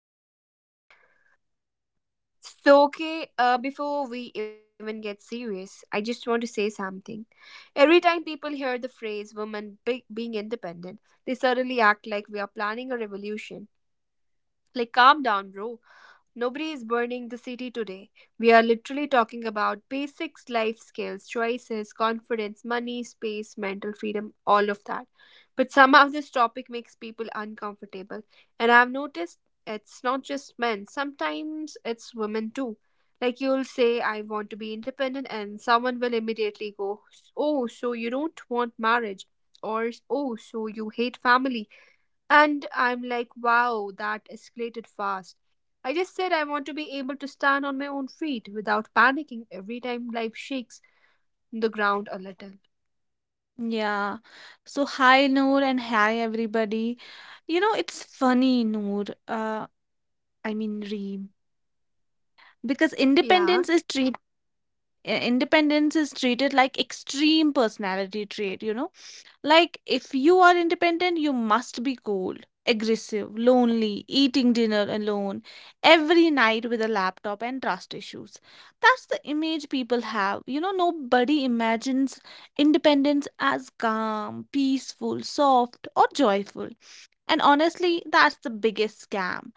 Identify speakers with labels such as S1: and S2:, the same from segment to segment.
S1: Theory Talks. Before we even get serious, I just want to say something. Every time people hear the phrase being independent, they suddenly act like we are planning a revolution. Like, calm down, bro. Nobody is burning the city today. We are literally talking about basics, life skills, choices, confidence, money, space, mental freedom, all of that. But somehow this topic makes people uncomfortable. And I've noticed it's not just men, sometimes it's women too. Like you'll say, I want to be independent, and someone will immediately go, oh, so you don't want marriage? Or, oh, so you hate family? And I'm like, wow, that escalated fast. I just said I want to be able to stand on my own feet without panicking every time life shakes the ground a little.
S2: Yeah. So hi Noor and hi everybody. You know, it's funny, Noor. I mean Reem, because
S1: Yeah.
S2: independence is treated like extreme personality trait, you know. Like, if you are independent, you must be cold, aggressive, lonely, eating dinner alone, every night with a laptop and trust issues. That's the image people have. You know, nobody imagines independence as calm, peaceful, soft, or joyful. And honestly, that's the biggest scam.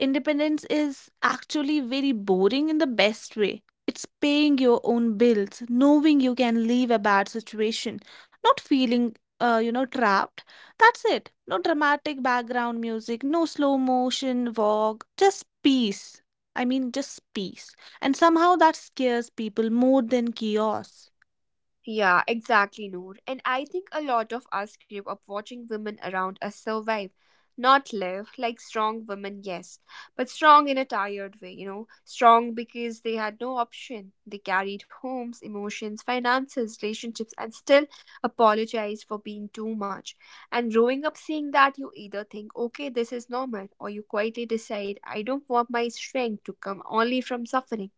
S2: Independence is actually very boring in the best way. It's paying your own bills, knowing you can leave a bad situation, not feeling, you know, trapped. That's it. No dramatic background music, no slow motion walk, just peace. I mean, just peace. And somehow that scares people more than chaos.
S1: Yeah, exactly, Noor. And I think a lot of us grew up watching women around us survive, not live, like strong women, yes, but strong in a tired way, you know, strong because they had no option. They carried homes, emotions, finances, relationships, and still apologized for being too much. And growing up seeing that, you either think, okay, this is normal, or you quietly decide, I don't want my strength to come only from suffering.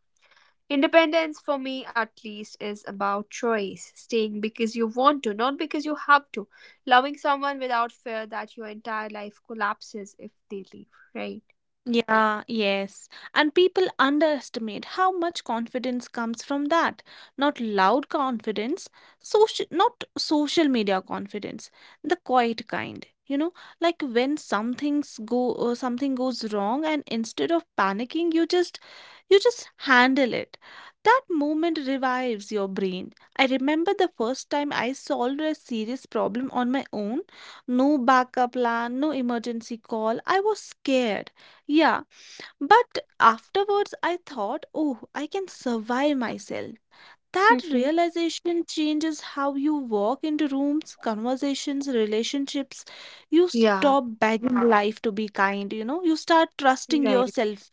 S1: Independence, for me at least, is about choice, staying because you want to, not because you have to, loving someone without fear that your entire life collapses if they leave, right?
S2: Yeah, yes. And people underestimate how much confidence comes from that. Not loud confidence, social not social media confidence, the quiet kind. You know, like when something goes wrong and instead of panicking, you just handle it. That moment revives your brain. I remember the first time I solved a serious problem on my own. No backup plan, no emergency call. I was scared, yeah, but afterwards I thought, oh, I can survive myself. That
S1: Hmm.
S2: realization changes how you walk into rooms, conversations, relationships. You
S1: Yeah,
S2: stop begging life to be kind, you know, you start trusting
S1: right.
S2: yourself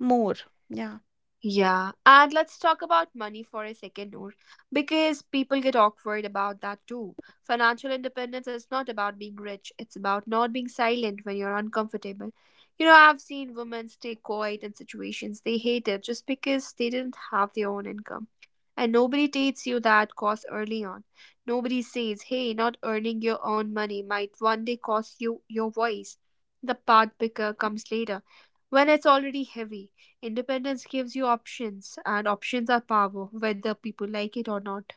S2: more. Yeah.
S1: Yeah, and let's talk about money for a second, Noor, because people get awkward about that too. Financial independence is not about being rich, it's about not being silent when you're uncomfortable. You know, I've seen women stay quiet in situations they hated just because they didn't have their own income. And nobody tells you that cost early on. Nobody says, hey, not earning your own money might one day cost you your voice. The part picker comes later when it's already heavy. Independence gives you options, and options are power, whether people like it or not.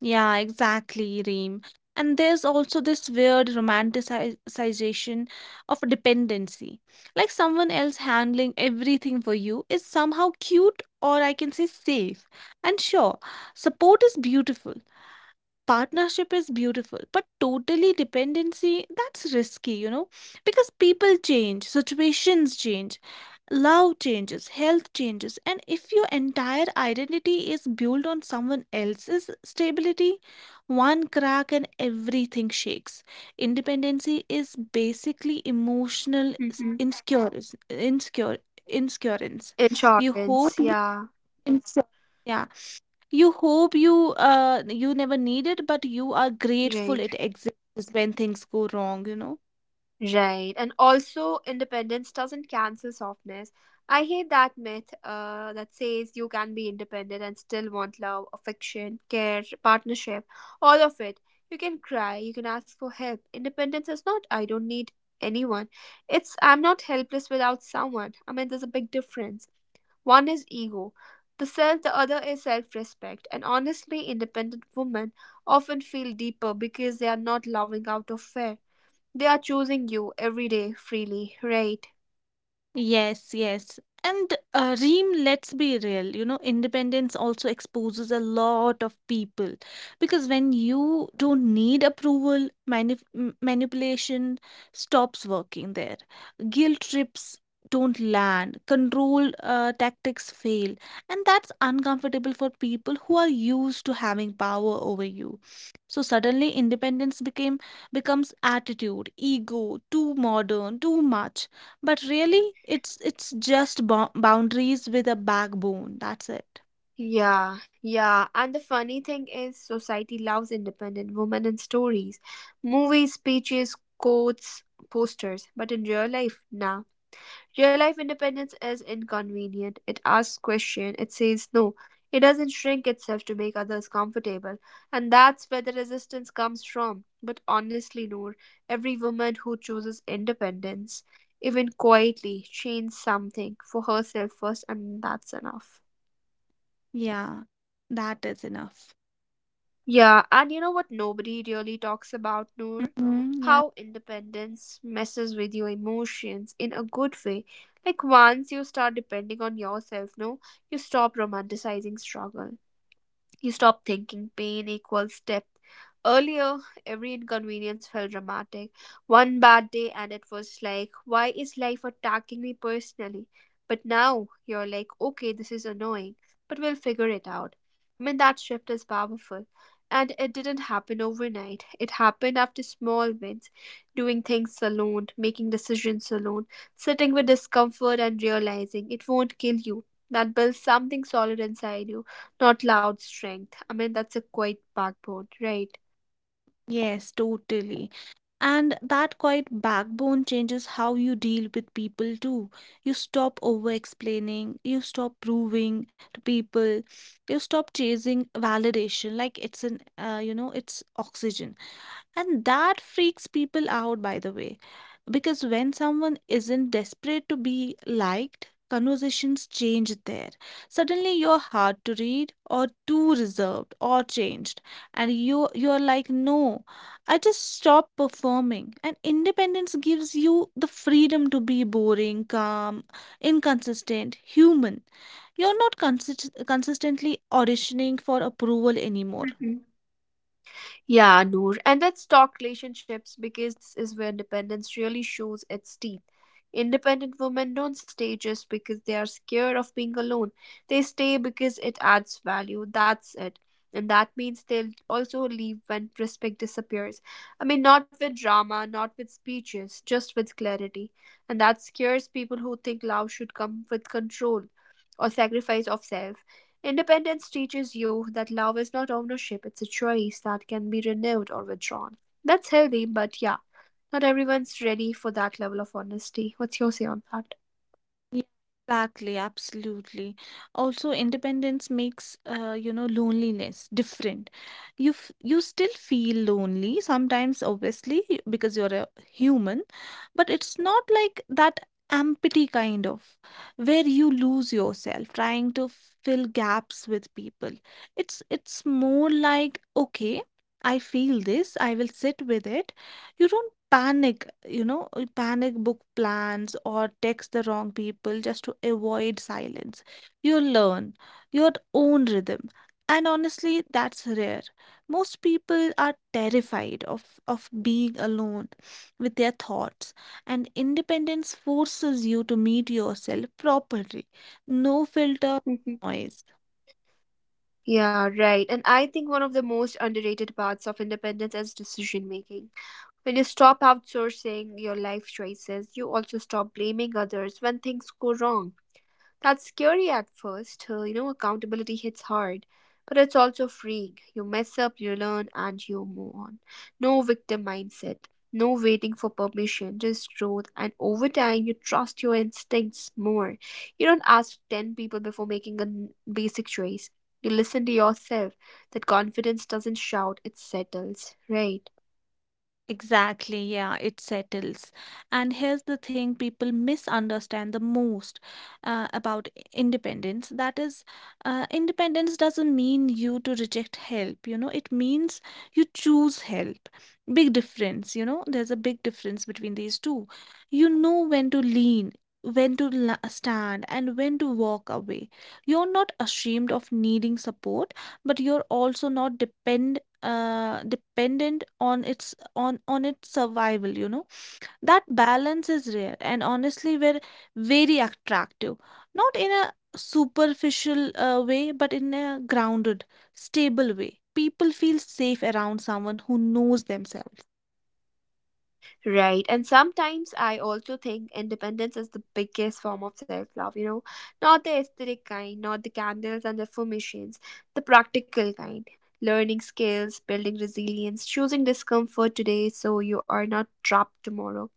S2: Yeah, exactly, Reem. And there's also this weird romanticization of dependency. Like someone else handling everything for you is somehow cute or I can say safe. And sure, support is beautiful, partnership is beautiful, but totally dependency, that's risky, you know, because people change, situations change. Love changes, health changes, and if your entire identity is built on someone else's stability, one crack and everything shakes. Independency is basically emotional
S1: Mm-hmm.
S2: insecurance. Insecure, insecurance. You hope
S1: Insurance,
S2: you
S1: yeah,
S2: insecure. Yeah, you hope you you never need it, but you are grateful
S1: right,
S2: it exists when things go wrong. You know.
S1: right. And also, independence doesn't cancel softness. I hate that myth that says you can be independent and still want love, affection, care, partnership, all of it. You can cry, you can ask for help. Independence is not, I don't need anyone. It's, I'm not helpless without someone. I mean, there's a big difference. One is ego, the self, the other is self respect. And honestly, independent women often feel deeper because they are not loving out of fear. They are choosing you every day freely, right?
S2: Yes, yes. And Reem, let's be real, you know, independence also exposes a lot of people because when you don't need approval, manipulation stops working there. Guilt trips don't land, control tactics fail, and that's uncomfortable for people who are used to having power over you. So suddenly independence became becomes attitude, ego, too modern, too much, but really, it's just boundaries with a backbone. That's it.
S1: Yeah, yeah. And the funny thing is, society loves independent women in stories, movies, speeches, quotes, posters. But in real life, nah. Real life independence is inconvenient. It asks questions, it says no, it doesn't shrink itself to make others comfortable. And that's where the resistance comes from. But honestly, Noor, every woman who chooses independence, even quietly, changes something for herself first, and that's enough.
S2: Yeah, that is enough.
S1: Yeah, and you know what nobody really talks about, Noor?
S2: Mhm, yeah.
S1: How independence messes with your emotions in a good way. Like once you start depending on yourself, no, you stop romanticizing struggle. You stop thinking pain equals depth. Earlier, every inconvenience felt dramatic. One bad day, and it was like, why is life attacking me personally? But now you're like, okay, this is annoying, but we'll figure it out. I mean, that shift is powerful. And it didn't happen overnight. It happened after small wins, doing things alone, making decisions alone, sitting with discomfort and realizing it won't kill you. That builds something solid inside you not loud strength. I mean, that's a quiet backbone, right?
S2: Yes, totally. And that quite backbone changes how you deal with people too. You stop over explaining, you stop proving to people, you stop chasing validation like it's an you know, it's oxygen. And that freaks people out, by the way, because when someone isn't desperate to be liked, conversations change there. Suddenly you're hard to read or too reserved or changed, and you're like, "No, I just stop performing." And independence gives you the freedom to be boring, calm, inconsistent, human. You're not consistently auditioning for approval anymore.
S1: Mhm. Yeah, Noor. And let's talk relationships because this is where independence really shows its teeth. Independent women don't stay just because they are scared of being alone. They stay because it adds value. That's it. And that means they'll also leave when respect disappears. I mean, not with drama, not with speeches, just with clarity. And that scares people who think love should come with control or sacrifice of self. Independence teaches you that love is not ownership, it's a choice that can be renewed or withdrawn. That's healthy, but yeah, not everyone's ready for that level of honesty. What's your say on that?
S2: Yeah, exactly, absolutely. Also, independence makes you know loneliness different. You still feel lonely sometimes, obviously, because you're a human, but it's not like that empty kind of where you lose yourself trying to fill gaps with people. It's more like okay, I feel this, I will sit with it. You don't panic book plans or text the wrong people just to avoid silence. You learn your own rhythm. And honestly, that's rare. Most people are terrified of being alone with their thoughts, and independence forces you to meet yourself properly. No filter,
S1: Mm-hmm.
S2: noise.
S1: Yeah, right. And I think one of the most underrated parts of independence is decision making. When you stop outsourcing your life choices, you also stop blaming others when things go wrong. That's scary at first, you know, accountability hits hard, but it's also freeing. You mess up, you learn, and you move on. No victim mindset, no waiting for permission, just growth. And over time, you trust your instincts more. You don't ask 10 people before making basic choice. You listen to yourself. That confidence doesn't shout, it settles, right?
S2: Exactly, yeah, it settles. And here's the thing people misunderstand the most about independence. That is, independence doesn't mean you to reject help, you know, it means you choose help. Big difference, you know, there's a big difference between these two. You know when to lean, when to stand, and when to walk away. You're not ashamed of needing support, but you're also not dependent on its survival, you know, that balance is rare, and honestly we're very attractive, not in a superficial way but in a grounded, stable way. People feel safe around someone who knows themselves.
S1: Right. And sometimes I also think independence is the biggest form of self love, you know, not the aesthetic kind, not the candles and affirmations, the practical kind. Learning skills, building resilience, choosing discomfort today so you are not trapped tomorrow.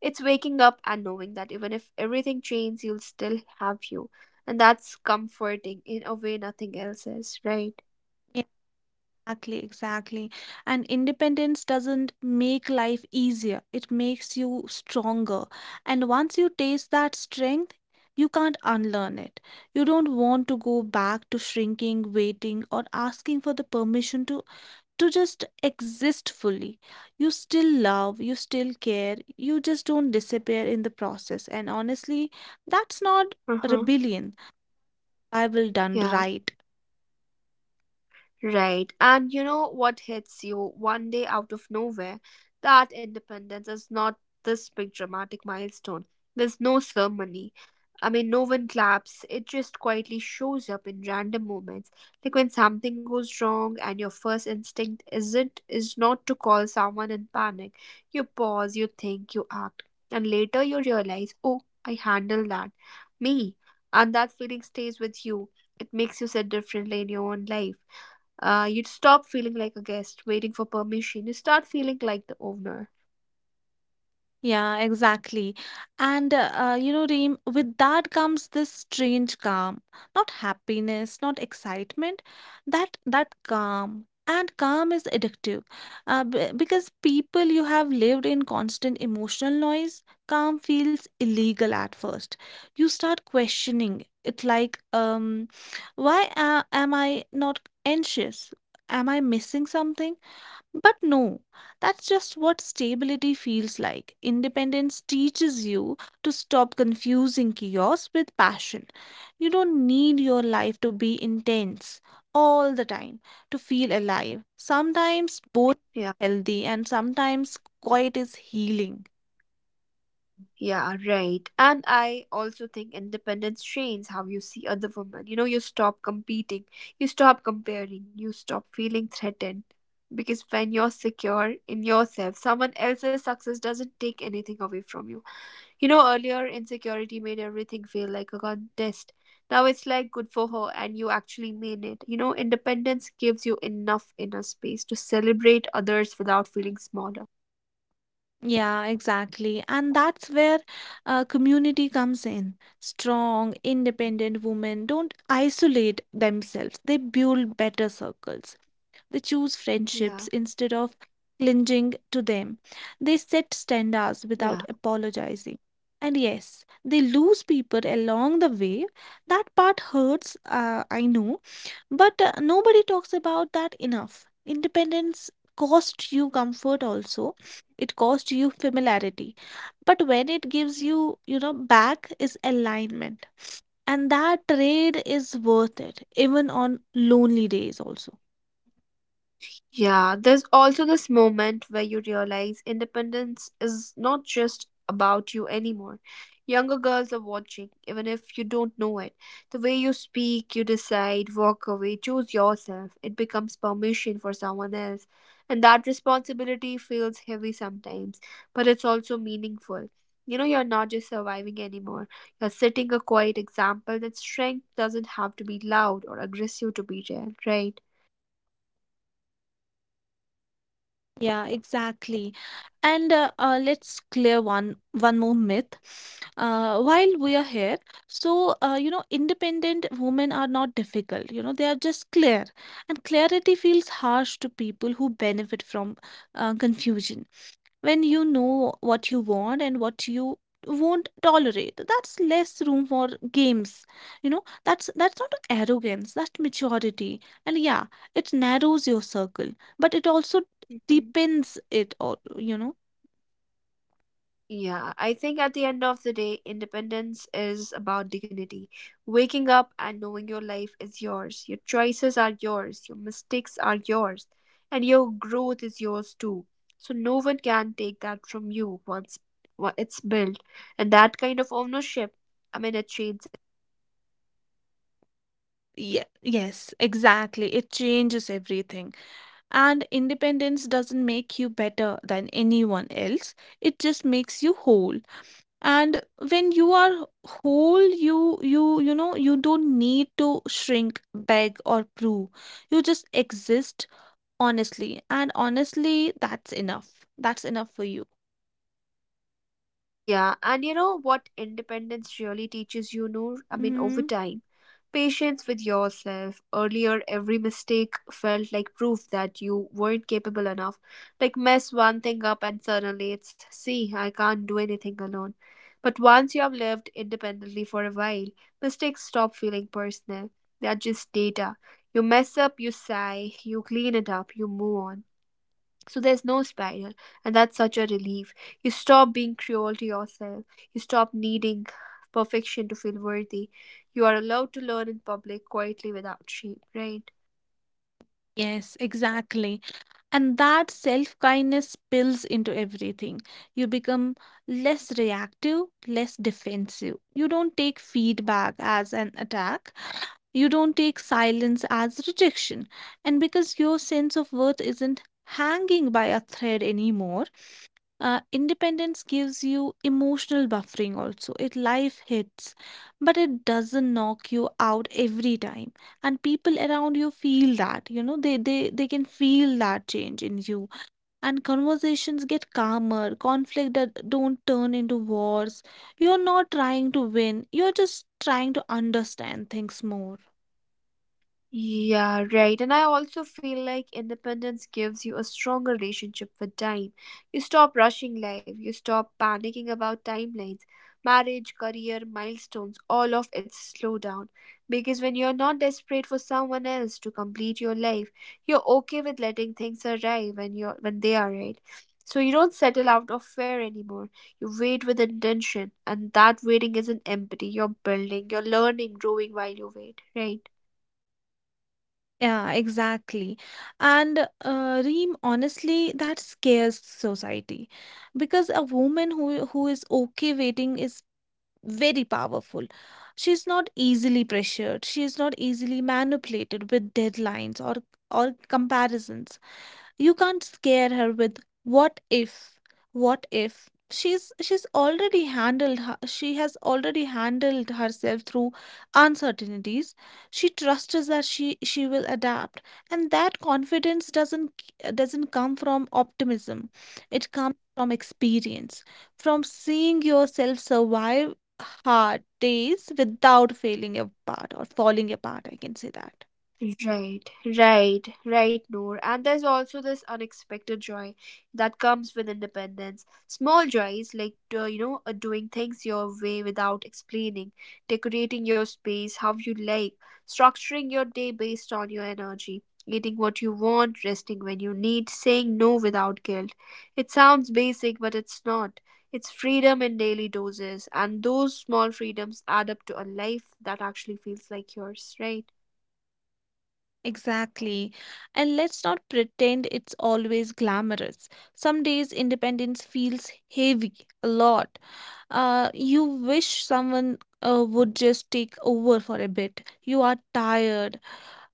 S1: It's waking up and knowing that even if everything changes, you'll still have you. And that's comforting in a way nothing else is, right?
S2: Exactly, exactly. And independence doesn't make life easier, it makes you stronger. And once you taste that strength, you can't unlearn it. You don't want to go back to shrinking, waiting, or asking for the permission to just exist fully. You still love, you still care, you just don't disappear in the process. And honestly, that's not
S1: Uh huh.
S2: rebellion, I will done
S1: Yeah.
S2: right.
S1: Right. And you know what hits you one day out of nowhere? That independence is not this big dramatic milestone. There's no ceremony. I mean, no one claps. It just quietly shows up in random moments. Like when something goes wrong and your first instinct isn't is not to call someone in panic. You pause, you think, you act. And later you realize, oh, I handled that. Me. And that feeling stays with you. It makes you sit differently in your own life. You'd stop feeling like a guest waiting for permission. You start feeling like the owner.
S2: Yeah, exactly. And you know, Reem, with that comes this strange calm, not happiness, not excitement, that calm. And calm is addictive, because people you have lived in constant emotional noise, calm feels illegal at first. You start questioning it, like, why am I not anxious? Am I missing something? But no, that's just what stability feels like. Independence teaches you to stop confusing chaos with passion. You don't need your life to be intense all the time to feel alive. Sometimes both
S1: Yeah,
S2: healthy and sometimes quiet is healing.
S1: yeah, right. And I also think independence trains how you see other women. You know, you stop competing, you stop comparing, you stop feeling threatened. Because when you're secure in yourself, someone else's success doesn't take anything away from you. You know, earlier insecurity made everything feel like a contest. Now it's like good for her and you actually mean it. You know, independence gives you enough inner space to celebrate others without feeling smaller.
S2: Yeah, exactly. And that's where community comes in. Strong, independent women don't isolate themselves, they build better circles. They choose
S1: Yeah.
S2: friendships instead of clinging to them. They set standards without
S1: Yeah.
S2: apologizing. And yes, they lose people along the way. That part hurts, I know, but nobody talks about that enough. Independence cost you comfort also. It cost you familiarity. But when it gives you, you know, back is alignment. And that trade is worth it, even on lonely days also.
S1: Yeah, there's also this moment where you realize independence is not just about you anymore. Younger girls are watching, even if you don't know it. The way you speak, you decide, walk away, choose yourself, it becomes permission for someone else. And that responsibility feels heavy sometimes, but it's also meaningful. You know, you're not just surviving anymore. You're setting a quiet example that strength doesn't have to be loud or aggressive to be real, right?
S2: Yeah, exactly. And let's clear one more myth. While we are here, so you know, independent women are not difficult. You know, they are just clear, and clarity feels harsh to people who benefit from confusion. When you know what you want and what you won't tolerate, that's less room for games, you know. That's not arrogance, that's maturity. And yeah, it narrows your circle, but it also
S1: Mhm.
S2: deepens it all, you know.
S1: Yeah, I think at the end of the day, independence is about dignity. Waking up and knowing your life is yours, your choices are yours, your mistakes are yours, and your growth is yours too. So no one can take that from you once it's built. And that kind of ownership, I mean, it changes everything, right?
S2: Yeah, yes, exactly. It changes everything. And independence doesn't make you better than anyone else. It just makes you whole. And when you are whole, you know you don't need to shrink, beg or prove. You just exist honestly, and honestly that's enough. That's enough for you.
S1: Yeah, and you know what independence really teaches you, Noor? I mean, over
S2: Mm,
S1: time, patience with yourself. Earlier, every mistake felt like proof that you weren't capable enough. Like, mess one thing up, and suddenly it's, see, I can't do anything alone. But once you have lived independently for a while, mistakes stop feeling personal. They're just data. You mess up, you sigh, you clean it up, you move on. So there's no spiral, and that's such a relief. You stop being cruel to yourself, you stop needing perfection to feel worthy. You are allowed to learn in public quietly without shame, right?
S2: yes, exactly. And that self kindness spills into everything. You become less reactive, less defensive. You don't take feedback as an attack. You don't take silence as rejection. And because your sense of worth isn't hanging by a thread anymore, independence gives you emotional buffering also. It life hits, but it doesn't knock you out every time. And people around you feel that, you know, they can feel that change in you. And conversations get calmer, conflict that don't turn into wars. You're not trying to win, you're just trying to understand things more.
S1: Yeah, right. And I also feel like independence gives you a stronger relationship with time. You stop rushing life, you stop panicking about timelines, marriage, career, milestones, all of it slow down. Because when you're not desperate for someone else to complete your life, you're okay with letting things arrive when they are right. So you don't settle out of fear anymore. You wait with intention, and that waiting isn't empty. You're building, you're learning, growing while you wait, right?
S2: Yeah, exactly. And Reem, honestly, that scares society because a woman who is okay waiting is very powerful. She's not easily pressured. She is not easily manipulated with deadlines or comparisons. You can't scare her with what if, what if? She's already handled she has already handled herself through uncertainties. She trusts that she will adapt, and that confidence doesn't come from optimism, it comes from experience,
S1: Yeah.
S2: from seeing yourself survive hard days without failing apart or falling apart, I can say that.
S1: Right, right, right, Noor. And there's also this unexpected joy that comes with independence. Small joys like, doing things your way without explaining, decorating your space how you like, structuring your day based on your energy, eating what you want, resting when you need, saying no without guilt. It sounds basic, but it's not. It's freedom in daily doses, and those small freedoms add up to a life that actually feels like yours, right?
S2: Exactly. And let's not pretend it's always glamorous. Some days independence feels heavy, a lot. You wish someone would just take over for a bit. You are tired.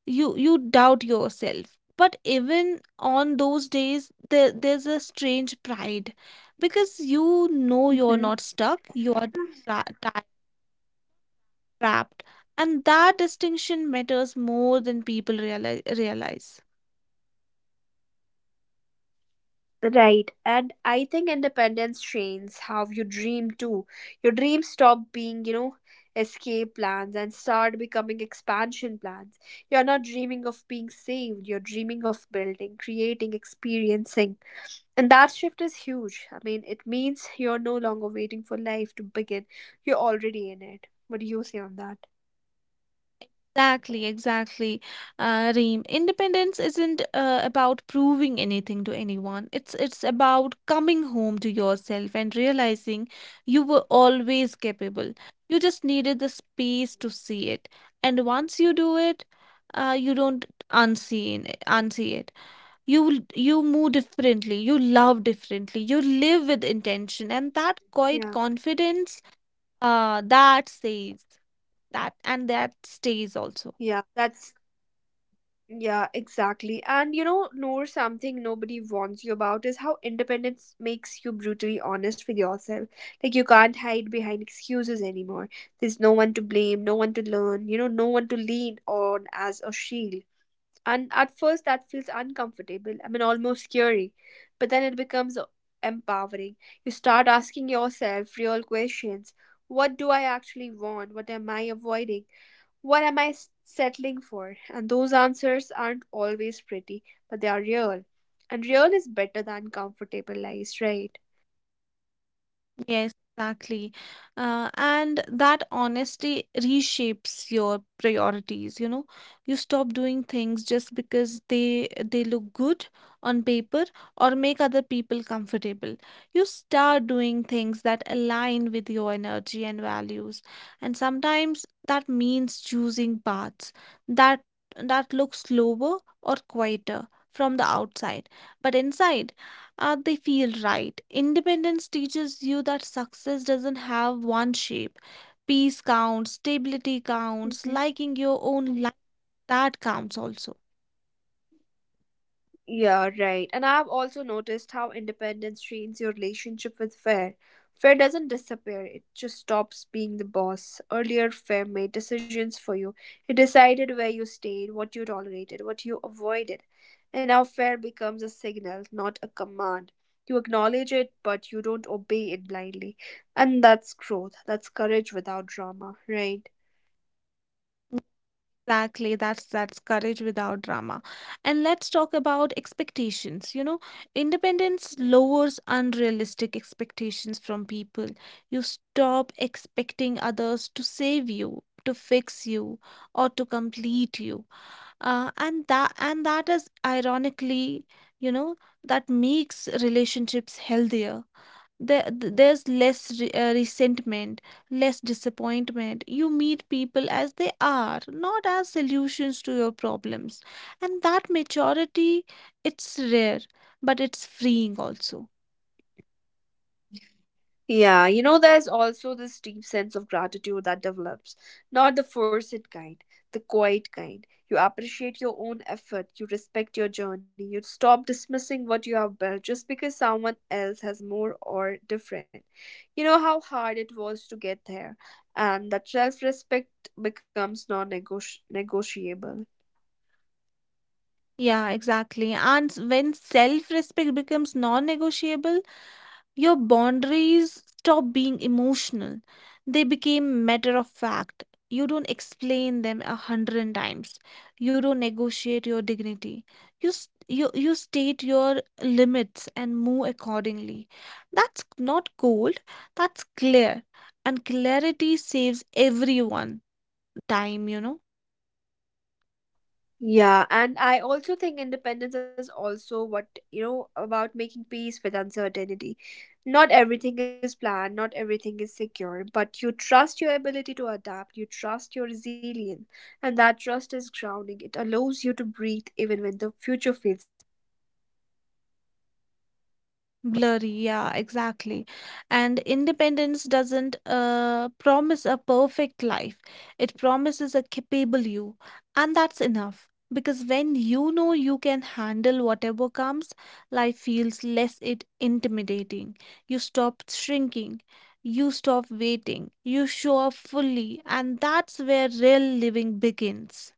S2: You doubt yourself. But even on those days, there's a strange pride because you know you're not stuck. You are tra tra- trapped, and that distinction matters more than people realize.
S1: Right. And I think independence trains how you dream too. Your dreams stop being, you know, escape plans and start becoming expansion plans. You're not dreaming of being saved, you're dreaming of building, creating, experiencing. And that shift is huge. I mean, it means you're no longer waiting for life to begin, you're already in it. What do you say on that?
S2: Exactly, exactly, Reem. Independence isn't about proving anything to anyone. It's about coming home to yourself and realizing you were always capable. You just needed the space to see it, and once you do it, you don't unsee it. You move differently. You love differently. You live with intention, and that quiet
S1: Yeah.
S2: confidence, that stays. That stays also.
S1: Yeah, that's. Yeah, exactly. And you know, Noor, something nobody warns you about is how independence makes you brutally honest with yourself. Like, you can't hide behind excuses anymore. There's no one to blame, no one to learn, no one to lean on as a shield. And at first, that feels uncomfortable. I mean, almost scary. But then it becomes empowering. You start asking yourself real questions. What do I actually want? What am I avoiding? What am I s- settling for? And those answers aren't always pretty, but they are real. And real is better than comfortable lies, right?
S2: Yes, exactly. And that honesty reshapes your priorities, you know. You stop doing things just because they look good on paper or make other people comfortable. You start doing things that align with your energy and values. And sometimes that means choosing paths that that look slower or quieter from the outside, but inside they feel right. Independence teaches you that success doesn't have one shape. Peace counts, stability counts,
S1: Mhm.
S2: liking your own life, that counts also.
S1: Yeah, right. And I've also noticed how independence strains your relationship with Fair. Fair doesn't disappear, it just stops being the boss. Earlier, Fair made decisions for you. He decided where you stayed, what you tolerated, what you avoided. And now Fair becomes a signal, not a command. You acknowledge it, but you don't obey it blindly. And that's growth. That's courage without drama, right?
S2: Exactly, that's courage without drama. And let's talk about expectations. You know, independence lowers unrealistic expectations from people. You stop expecting others to save you, to fix you, or to complete you. And that is ironically, you know, that makes relationships healthier. There's less re resentment, less disappointment. You meet people as they are, not as solutions to your problems. And that maturity, it's rare, but it's freeing also.
S1: Yeah, you know, there's also this deep sense of gratitude that develops, not the forced kind, the quiet kind. You appreciate your own effort, you respect your journey, you stop dismissing what you have built just because someone else has more or different. You know how hard it was to get there, and that self respect becomes non negotiable.
S2: Yeah, exactly. When self-respect becomes non-negotiable, your boundaries stop being emotional. They became matter of fact. You don't explain them a hundred times. You don't negotiate your dignity. You state your limits and move accordingly. That's not cold, that's clear. And clarity saves everyone time, you know.
S1: Yeah, and I also think independence is also what, you know, about making peace with uncertainty. Not everything is planned, not everything is secure, but you trust your ability to adapt, you trust your resilience, and that trust is grounding. It allows you to breathe even when the future feels blurry, right?
S2: Blurry, yeah, exactly. And independence doesn't promise a perfect life, it promises a capable you. And that's enough. Because when you know you can handle whatever comes, life feels less it intimidating. You stop shrinking, you stop waiting, you show up fully, and that's where real living begins.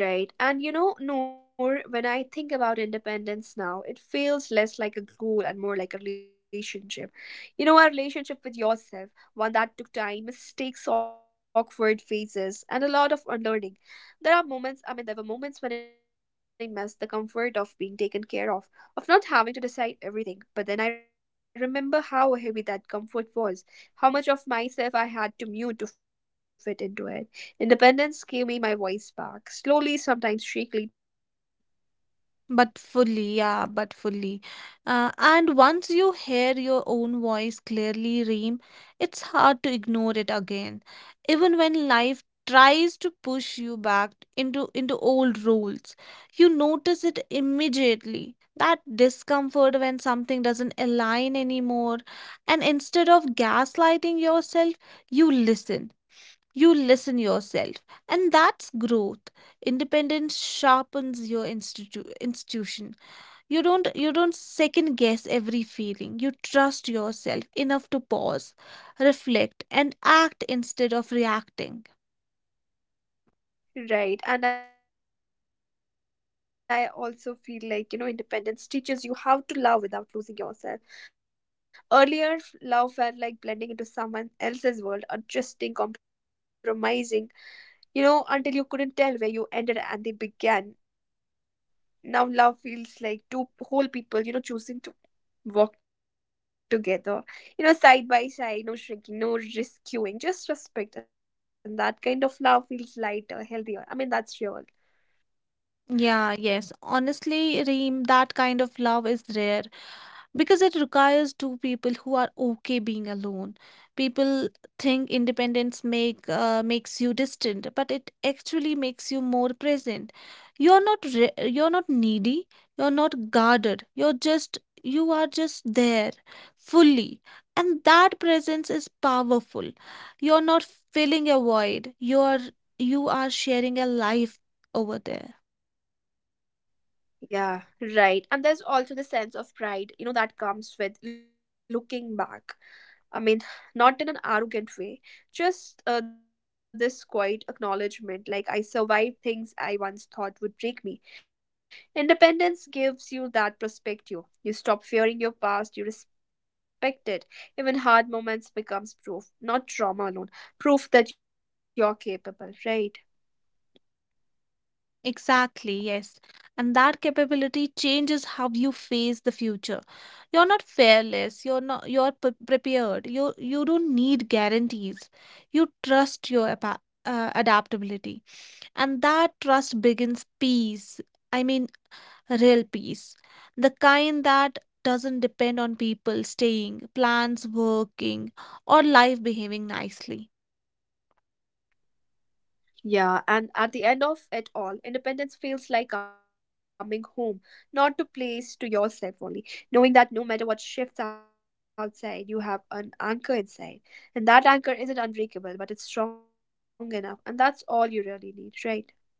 S1: Right. And you know, Noor, when I think about independence now, it feels less like a goal and more like a relationship. You know, a relationship with yourself, one that took time, mistakes, awkward phases, and a lot of unlearning. There are moments, I mean, there were moments when I missed the comfort of being taken care of not having to decide everything. But then I remember how heavy that comfort was, how much of myself I had to mute to fit into it. Independence gave me my voice back, slowly, sometimes shakily, but fully.
S2: But fully, yeah, but fully. And once you hear your own voice clearly, Reem, it's hard to ignore it again. Even when life tries to push you back into old roles, you notice it immediately. That discomfort when something doesn't align anymore, and instead of gaslighting yourself, you listen. You listen yourself, and that's growth. Independence sharpens your institution. You don't second guess every feeling. You trust yourself enough to pause, reflect, and act instead of reacting.
S1: Right, and I also feel like, you know, independence teaches you how to love without losing yourself. Earlier, love felt like blending into someone else's world, adjusting, compromising, you know, until you couldn't tell where you ended and they began. Now, love feels like two whole people, you know, choosing to walk together, you know, side by side, no shrinking, no rescuing, just respect. And that kind of love feels lighter, healthier. I mean, that's real.
S2: Yeah, yes. Honestly, Reem, that kind of love is rare because it requires two people who are okay being alone. People think independence makes you distant, but it actually makes you more present. You're not needy, you're not guarded. You are just there fully. And that presence is powerful. You're not filling a void.
S1: Right.
S2: You are sharing a life over there.
S1: Yeah. Right. And there's also the sense of pride, you know, that comes with looking back. I mean, not in an arrogant way, just this quiet acknowledgement, like, I survived things I once thought would break me. Independence gives you that perspective. You stop fearing your past, you respect it. Even hard moments becomes proof, not trauma alone, proof that you're capable, right?
S2: Exactly, yes. And that capability changes how you face the future. You're not fearless, you're prepared. You don't need guarantees. You trust your adaptability. And that trust begins peace. I mean real peace. The kind that doesn't depend on people staying, plans working, or life behaving nicely.
S1: Yeah, and at the end of it all, independence feels like coming home, not to place, to yourself only, knowing that no matter what shifts outside, you have an anchor inside. And that anchor isn't unbreakable, but it's strong enough, and that's all you really need, right?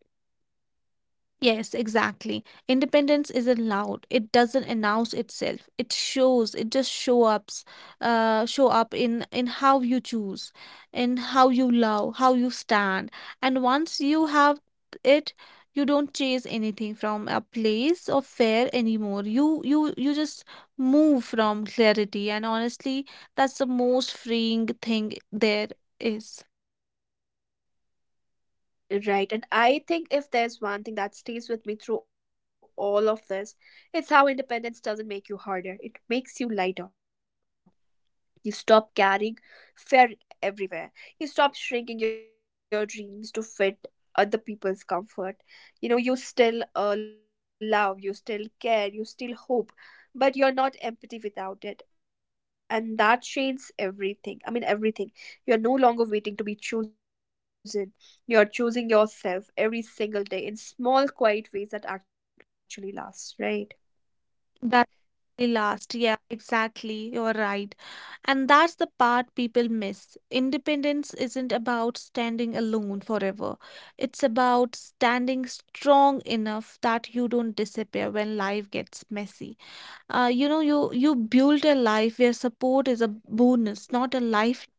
S2: Yes, exactly. Independence isn't loud. It doesn't announce itself. It shows. It just show up in how you choose, in how you love, how you stand. And once you have it, you don't chase anything from a place of fear anymore. You just move from clarity. And honestly, that's the most freeing thing there is.
S1: Right, and I think if there's one thing that stays with me through all of this, it's how independence doesn't make you harder, it makes you lighter. You stop carrying fear everywhere. You stop shrinking your dreams to fit other people's comfort. You know, you still love, you still care, you still hope, but you're not empty without it. And that changes everything. I mean, everything. You're no longer waiting to be chosen. You're choosing yourself every single day in small, quiet ways that actually last, right?
S2: That the last, yeah, exactly. You're right. And that's the part people miss. Independence isn't about standing alone forever. It's about standing strong enough that you don't disappear when life gets messy. You build a life where support is a bonus, not a lifeline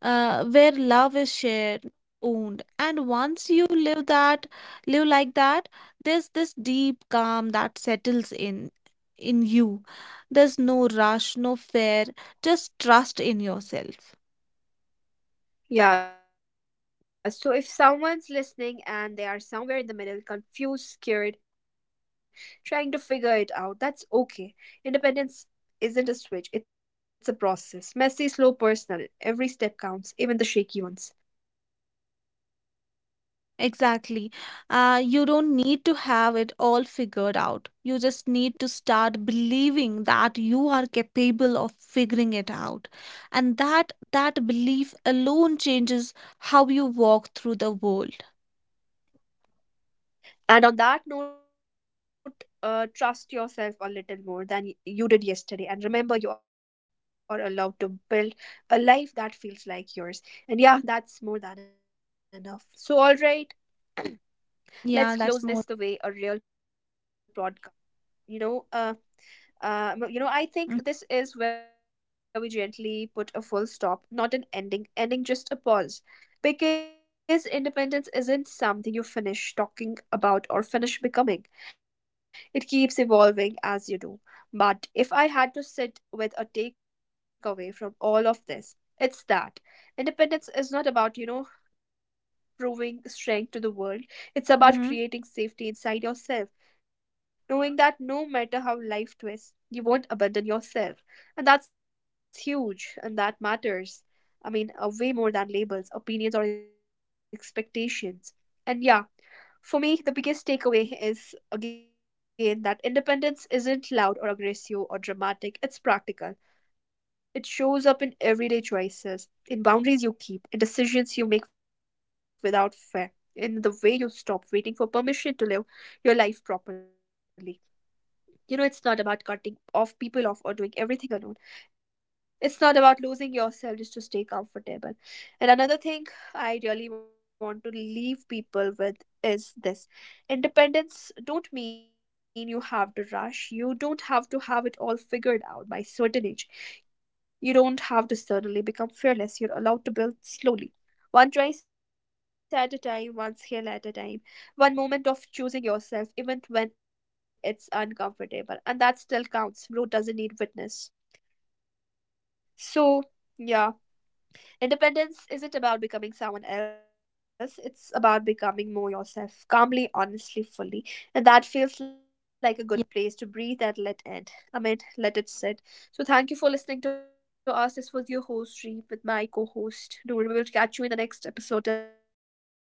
S2: where love is shared owned, and once you live like that, there's this deep calm that settles in you. There's no rush, no fear, just trust in yourself.
S1: Yeah, so if someone's listening and they are somewhere in the middle, confused, scared, trying to figure it out, that's okay. Independence isn't a switch, it's a process. Messy, slow, personal. Every step counts, even the shaky ones.
S2: Exactly. You don't need to have it all figured out. You just need to start believing that you are capable of figuring it out. And that belief alone changes how you walk through the world.
S1: And on that note, trust yourself a little more than you did yesterday. And remember, you are allowed to build a life that feels like yours. And yeah, that's more than enough. So, all right,
S2: Yeah, that's more.
S1: let's close this the way a real podcast, you know uh you know, I think this is where we gently put a full stop, not an ending. Ending, just a pause. Because independence isn't something you finish talking about or finish becoming, it keeps evolving as you do. But if I had to sit with a takeaway from all of this, it's that independence is not about, you know, proving strength to
S2: Mm-hmm.
S1: the world. It's about creating safety inside yourself, knowing that no matter how life twists, you won't abandon yourself. And that's huge, and that matters. I mean, way more than labels, opinions, or expectations. And yeah, for me, the biggest takeaway is again that independence isn't loud or aggressive or dramatic, it's practical. It shows up in everyday choices, in boundaries you keep, in decisions you make without fear, in the way you stop waiting for permission to live your life properly. You know, it's not about cutting off people off or doing everything alone. It's not about losing yourself just to stay comfortable. And another thing I really want to leave people with is this: independence don't mean you have to rush. You don't have to have it all figured out by certain age. You don't have to suddenly become fearless. You're allowed to build slowly, one choice at a time, one skill at a time, one moment of choosing yourself, even when it's uncomfortable. And that still counts. Growth doesn't need witness. So, yeah. Independence isn't about becoming someone else, it's about becoming more yourself, calmly, honestly, fully. And that feels like a good place to breathe and let end. I mean, let it sit. So, thank you for listening to us. This was your host, Reem, with my co host, Noor. We will catch you in the next episode. Till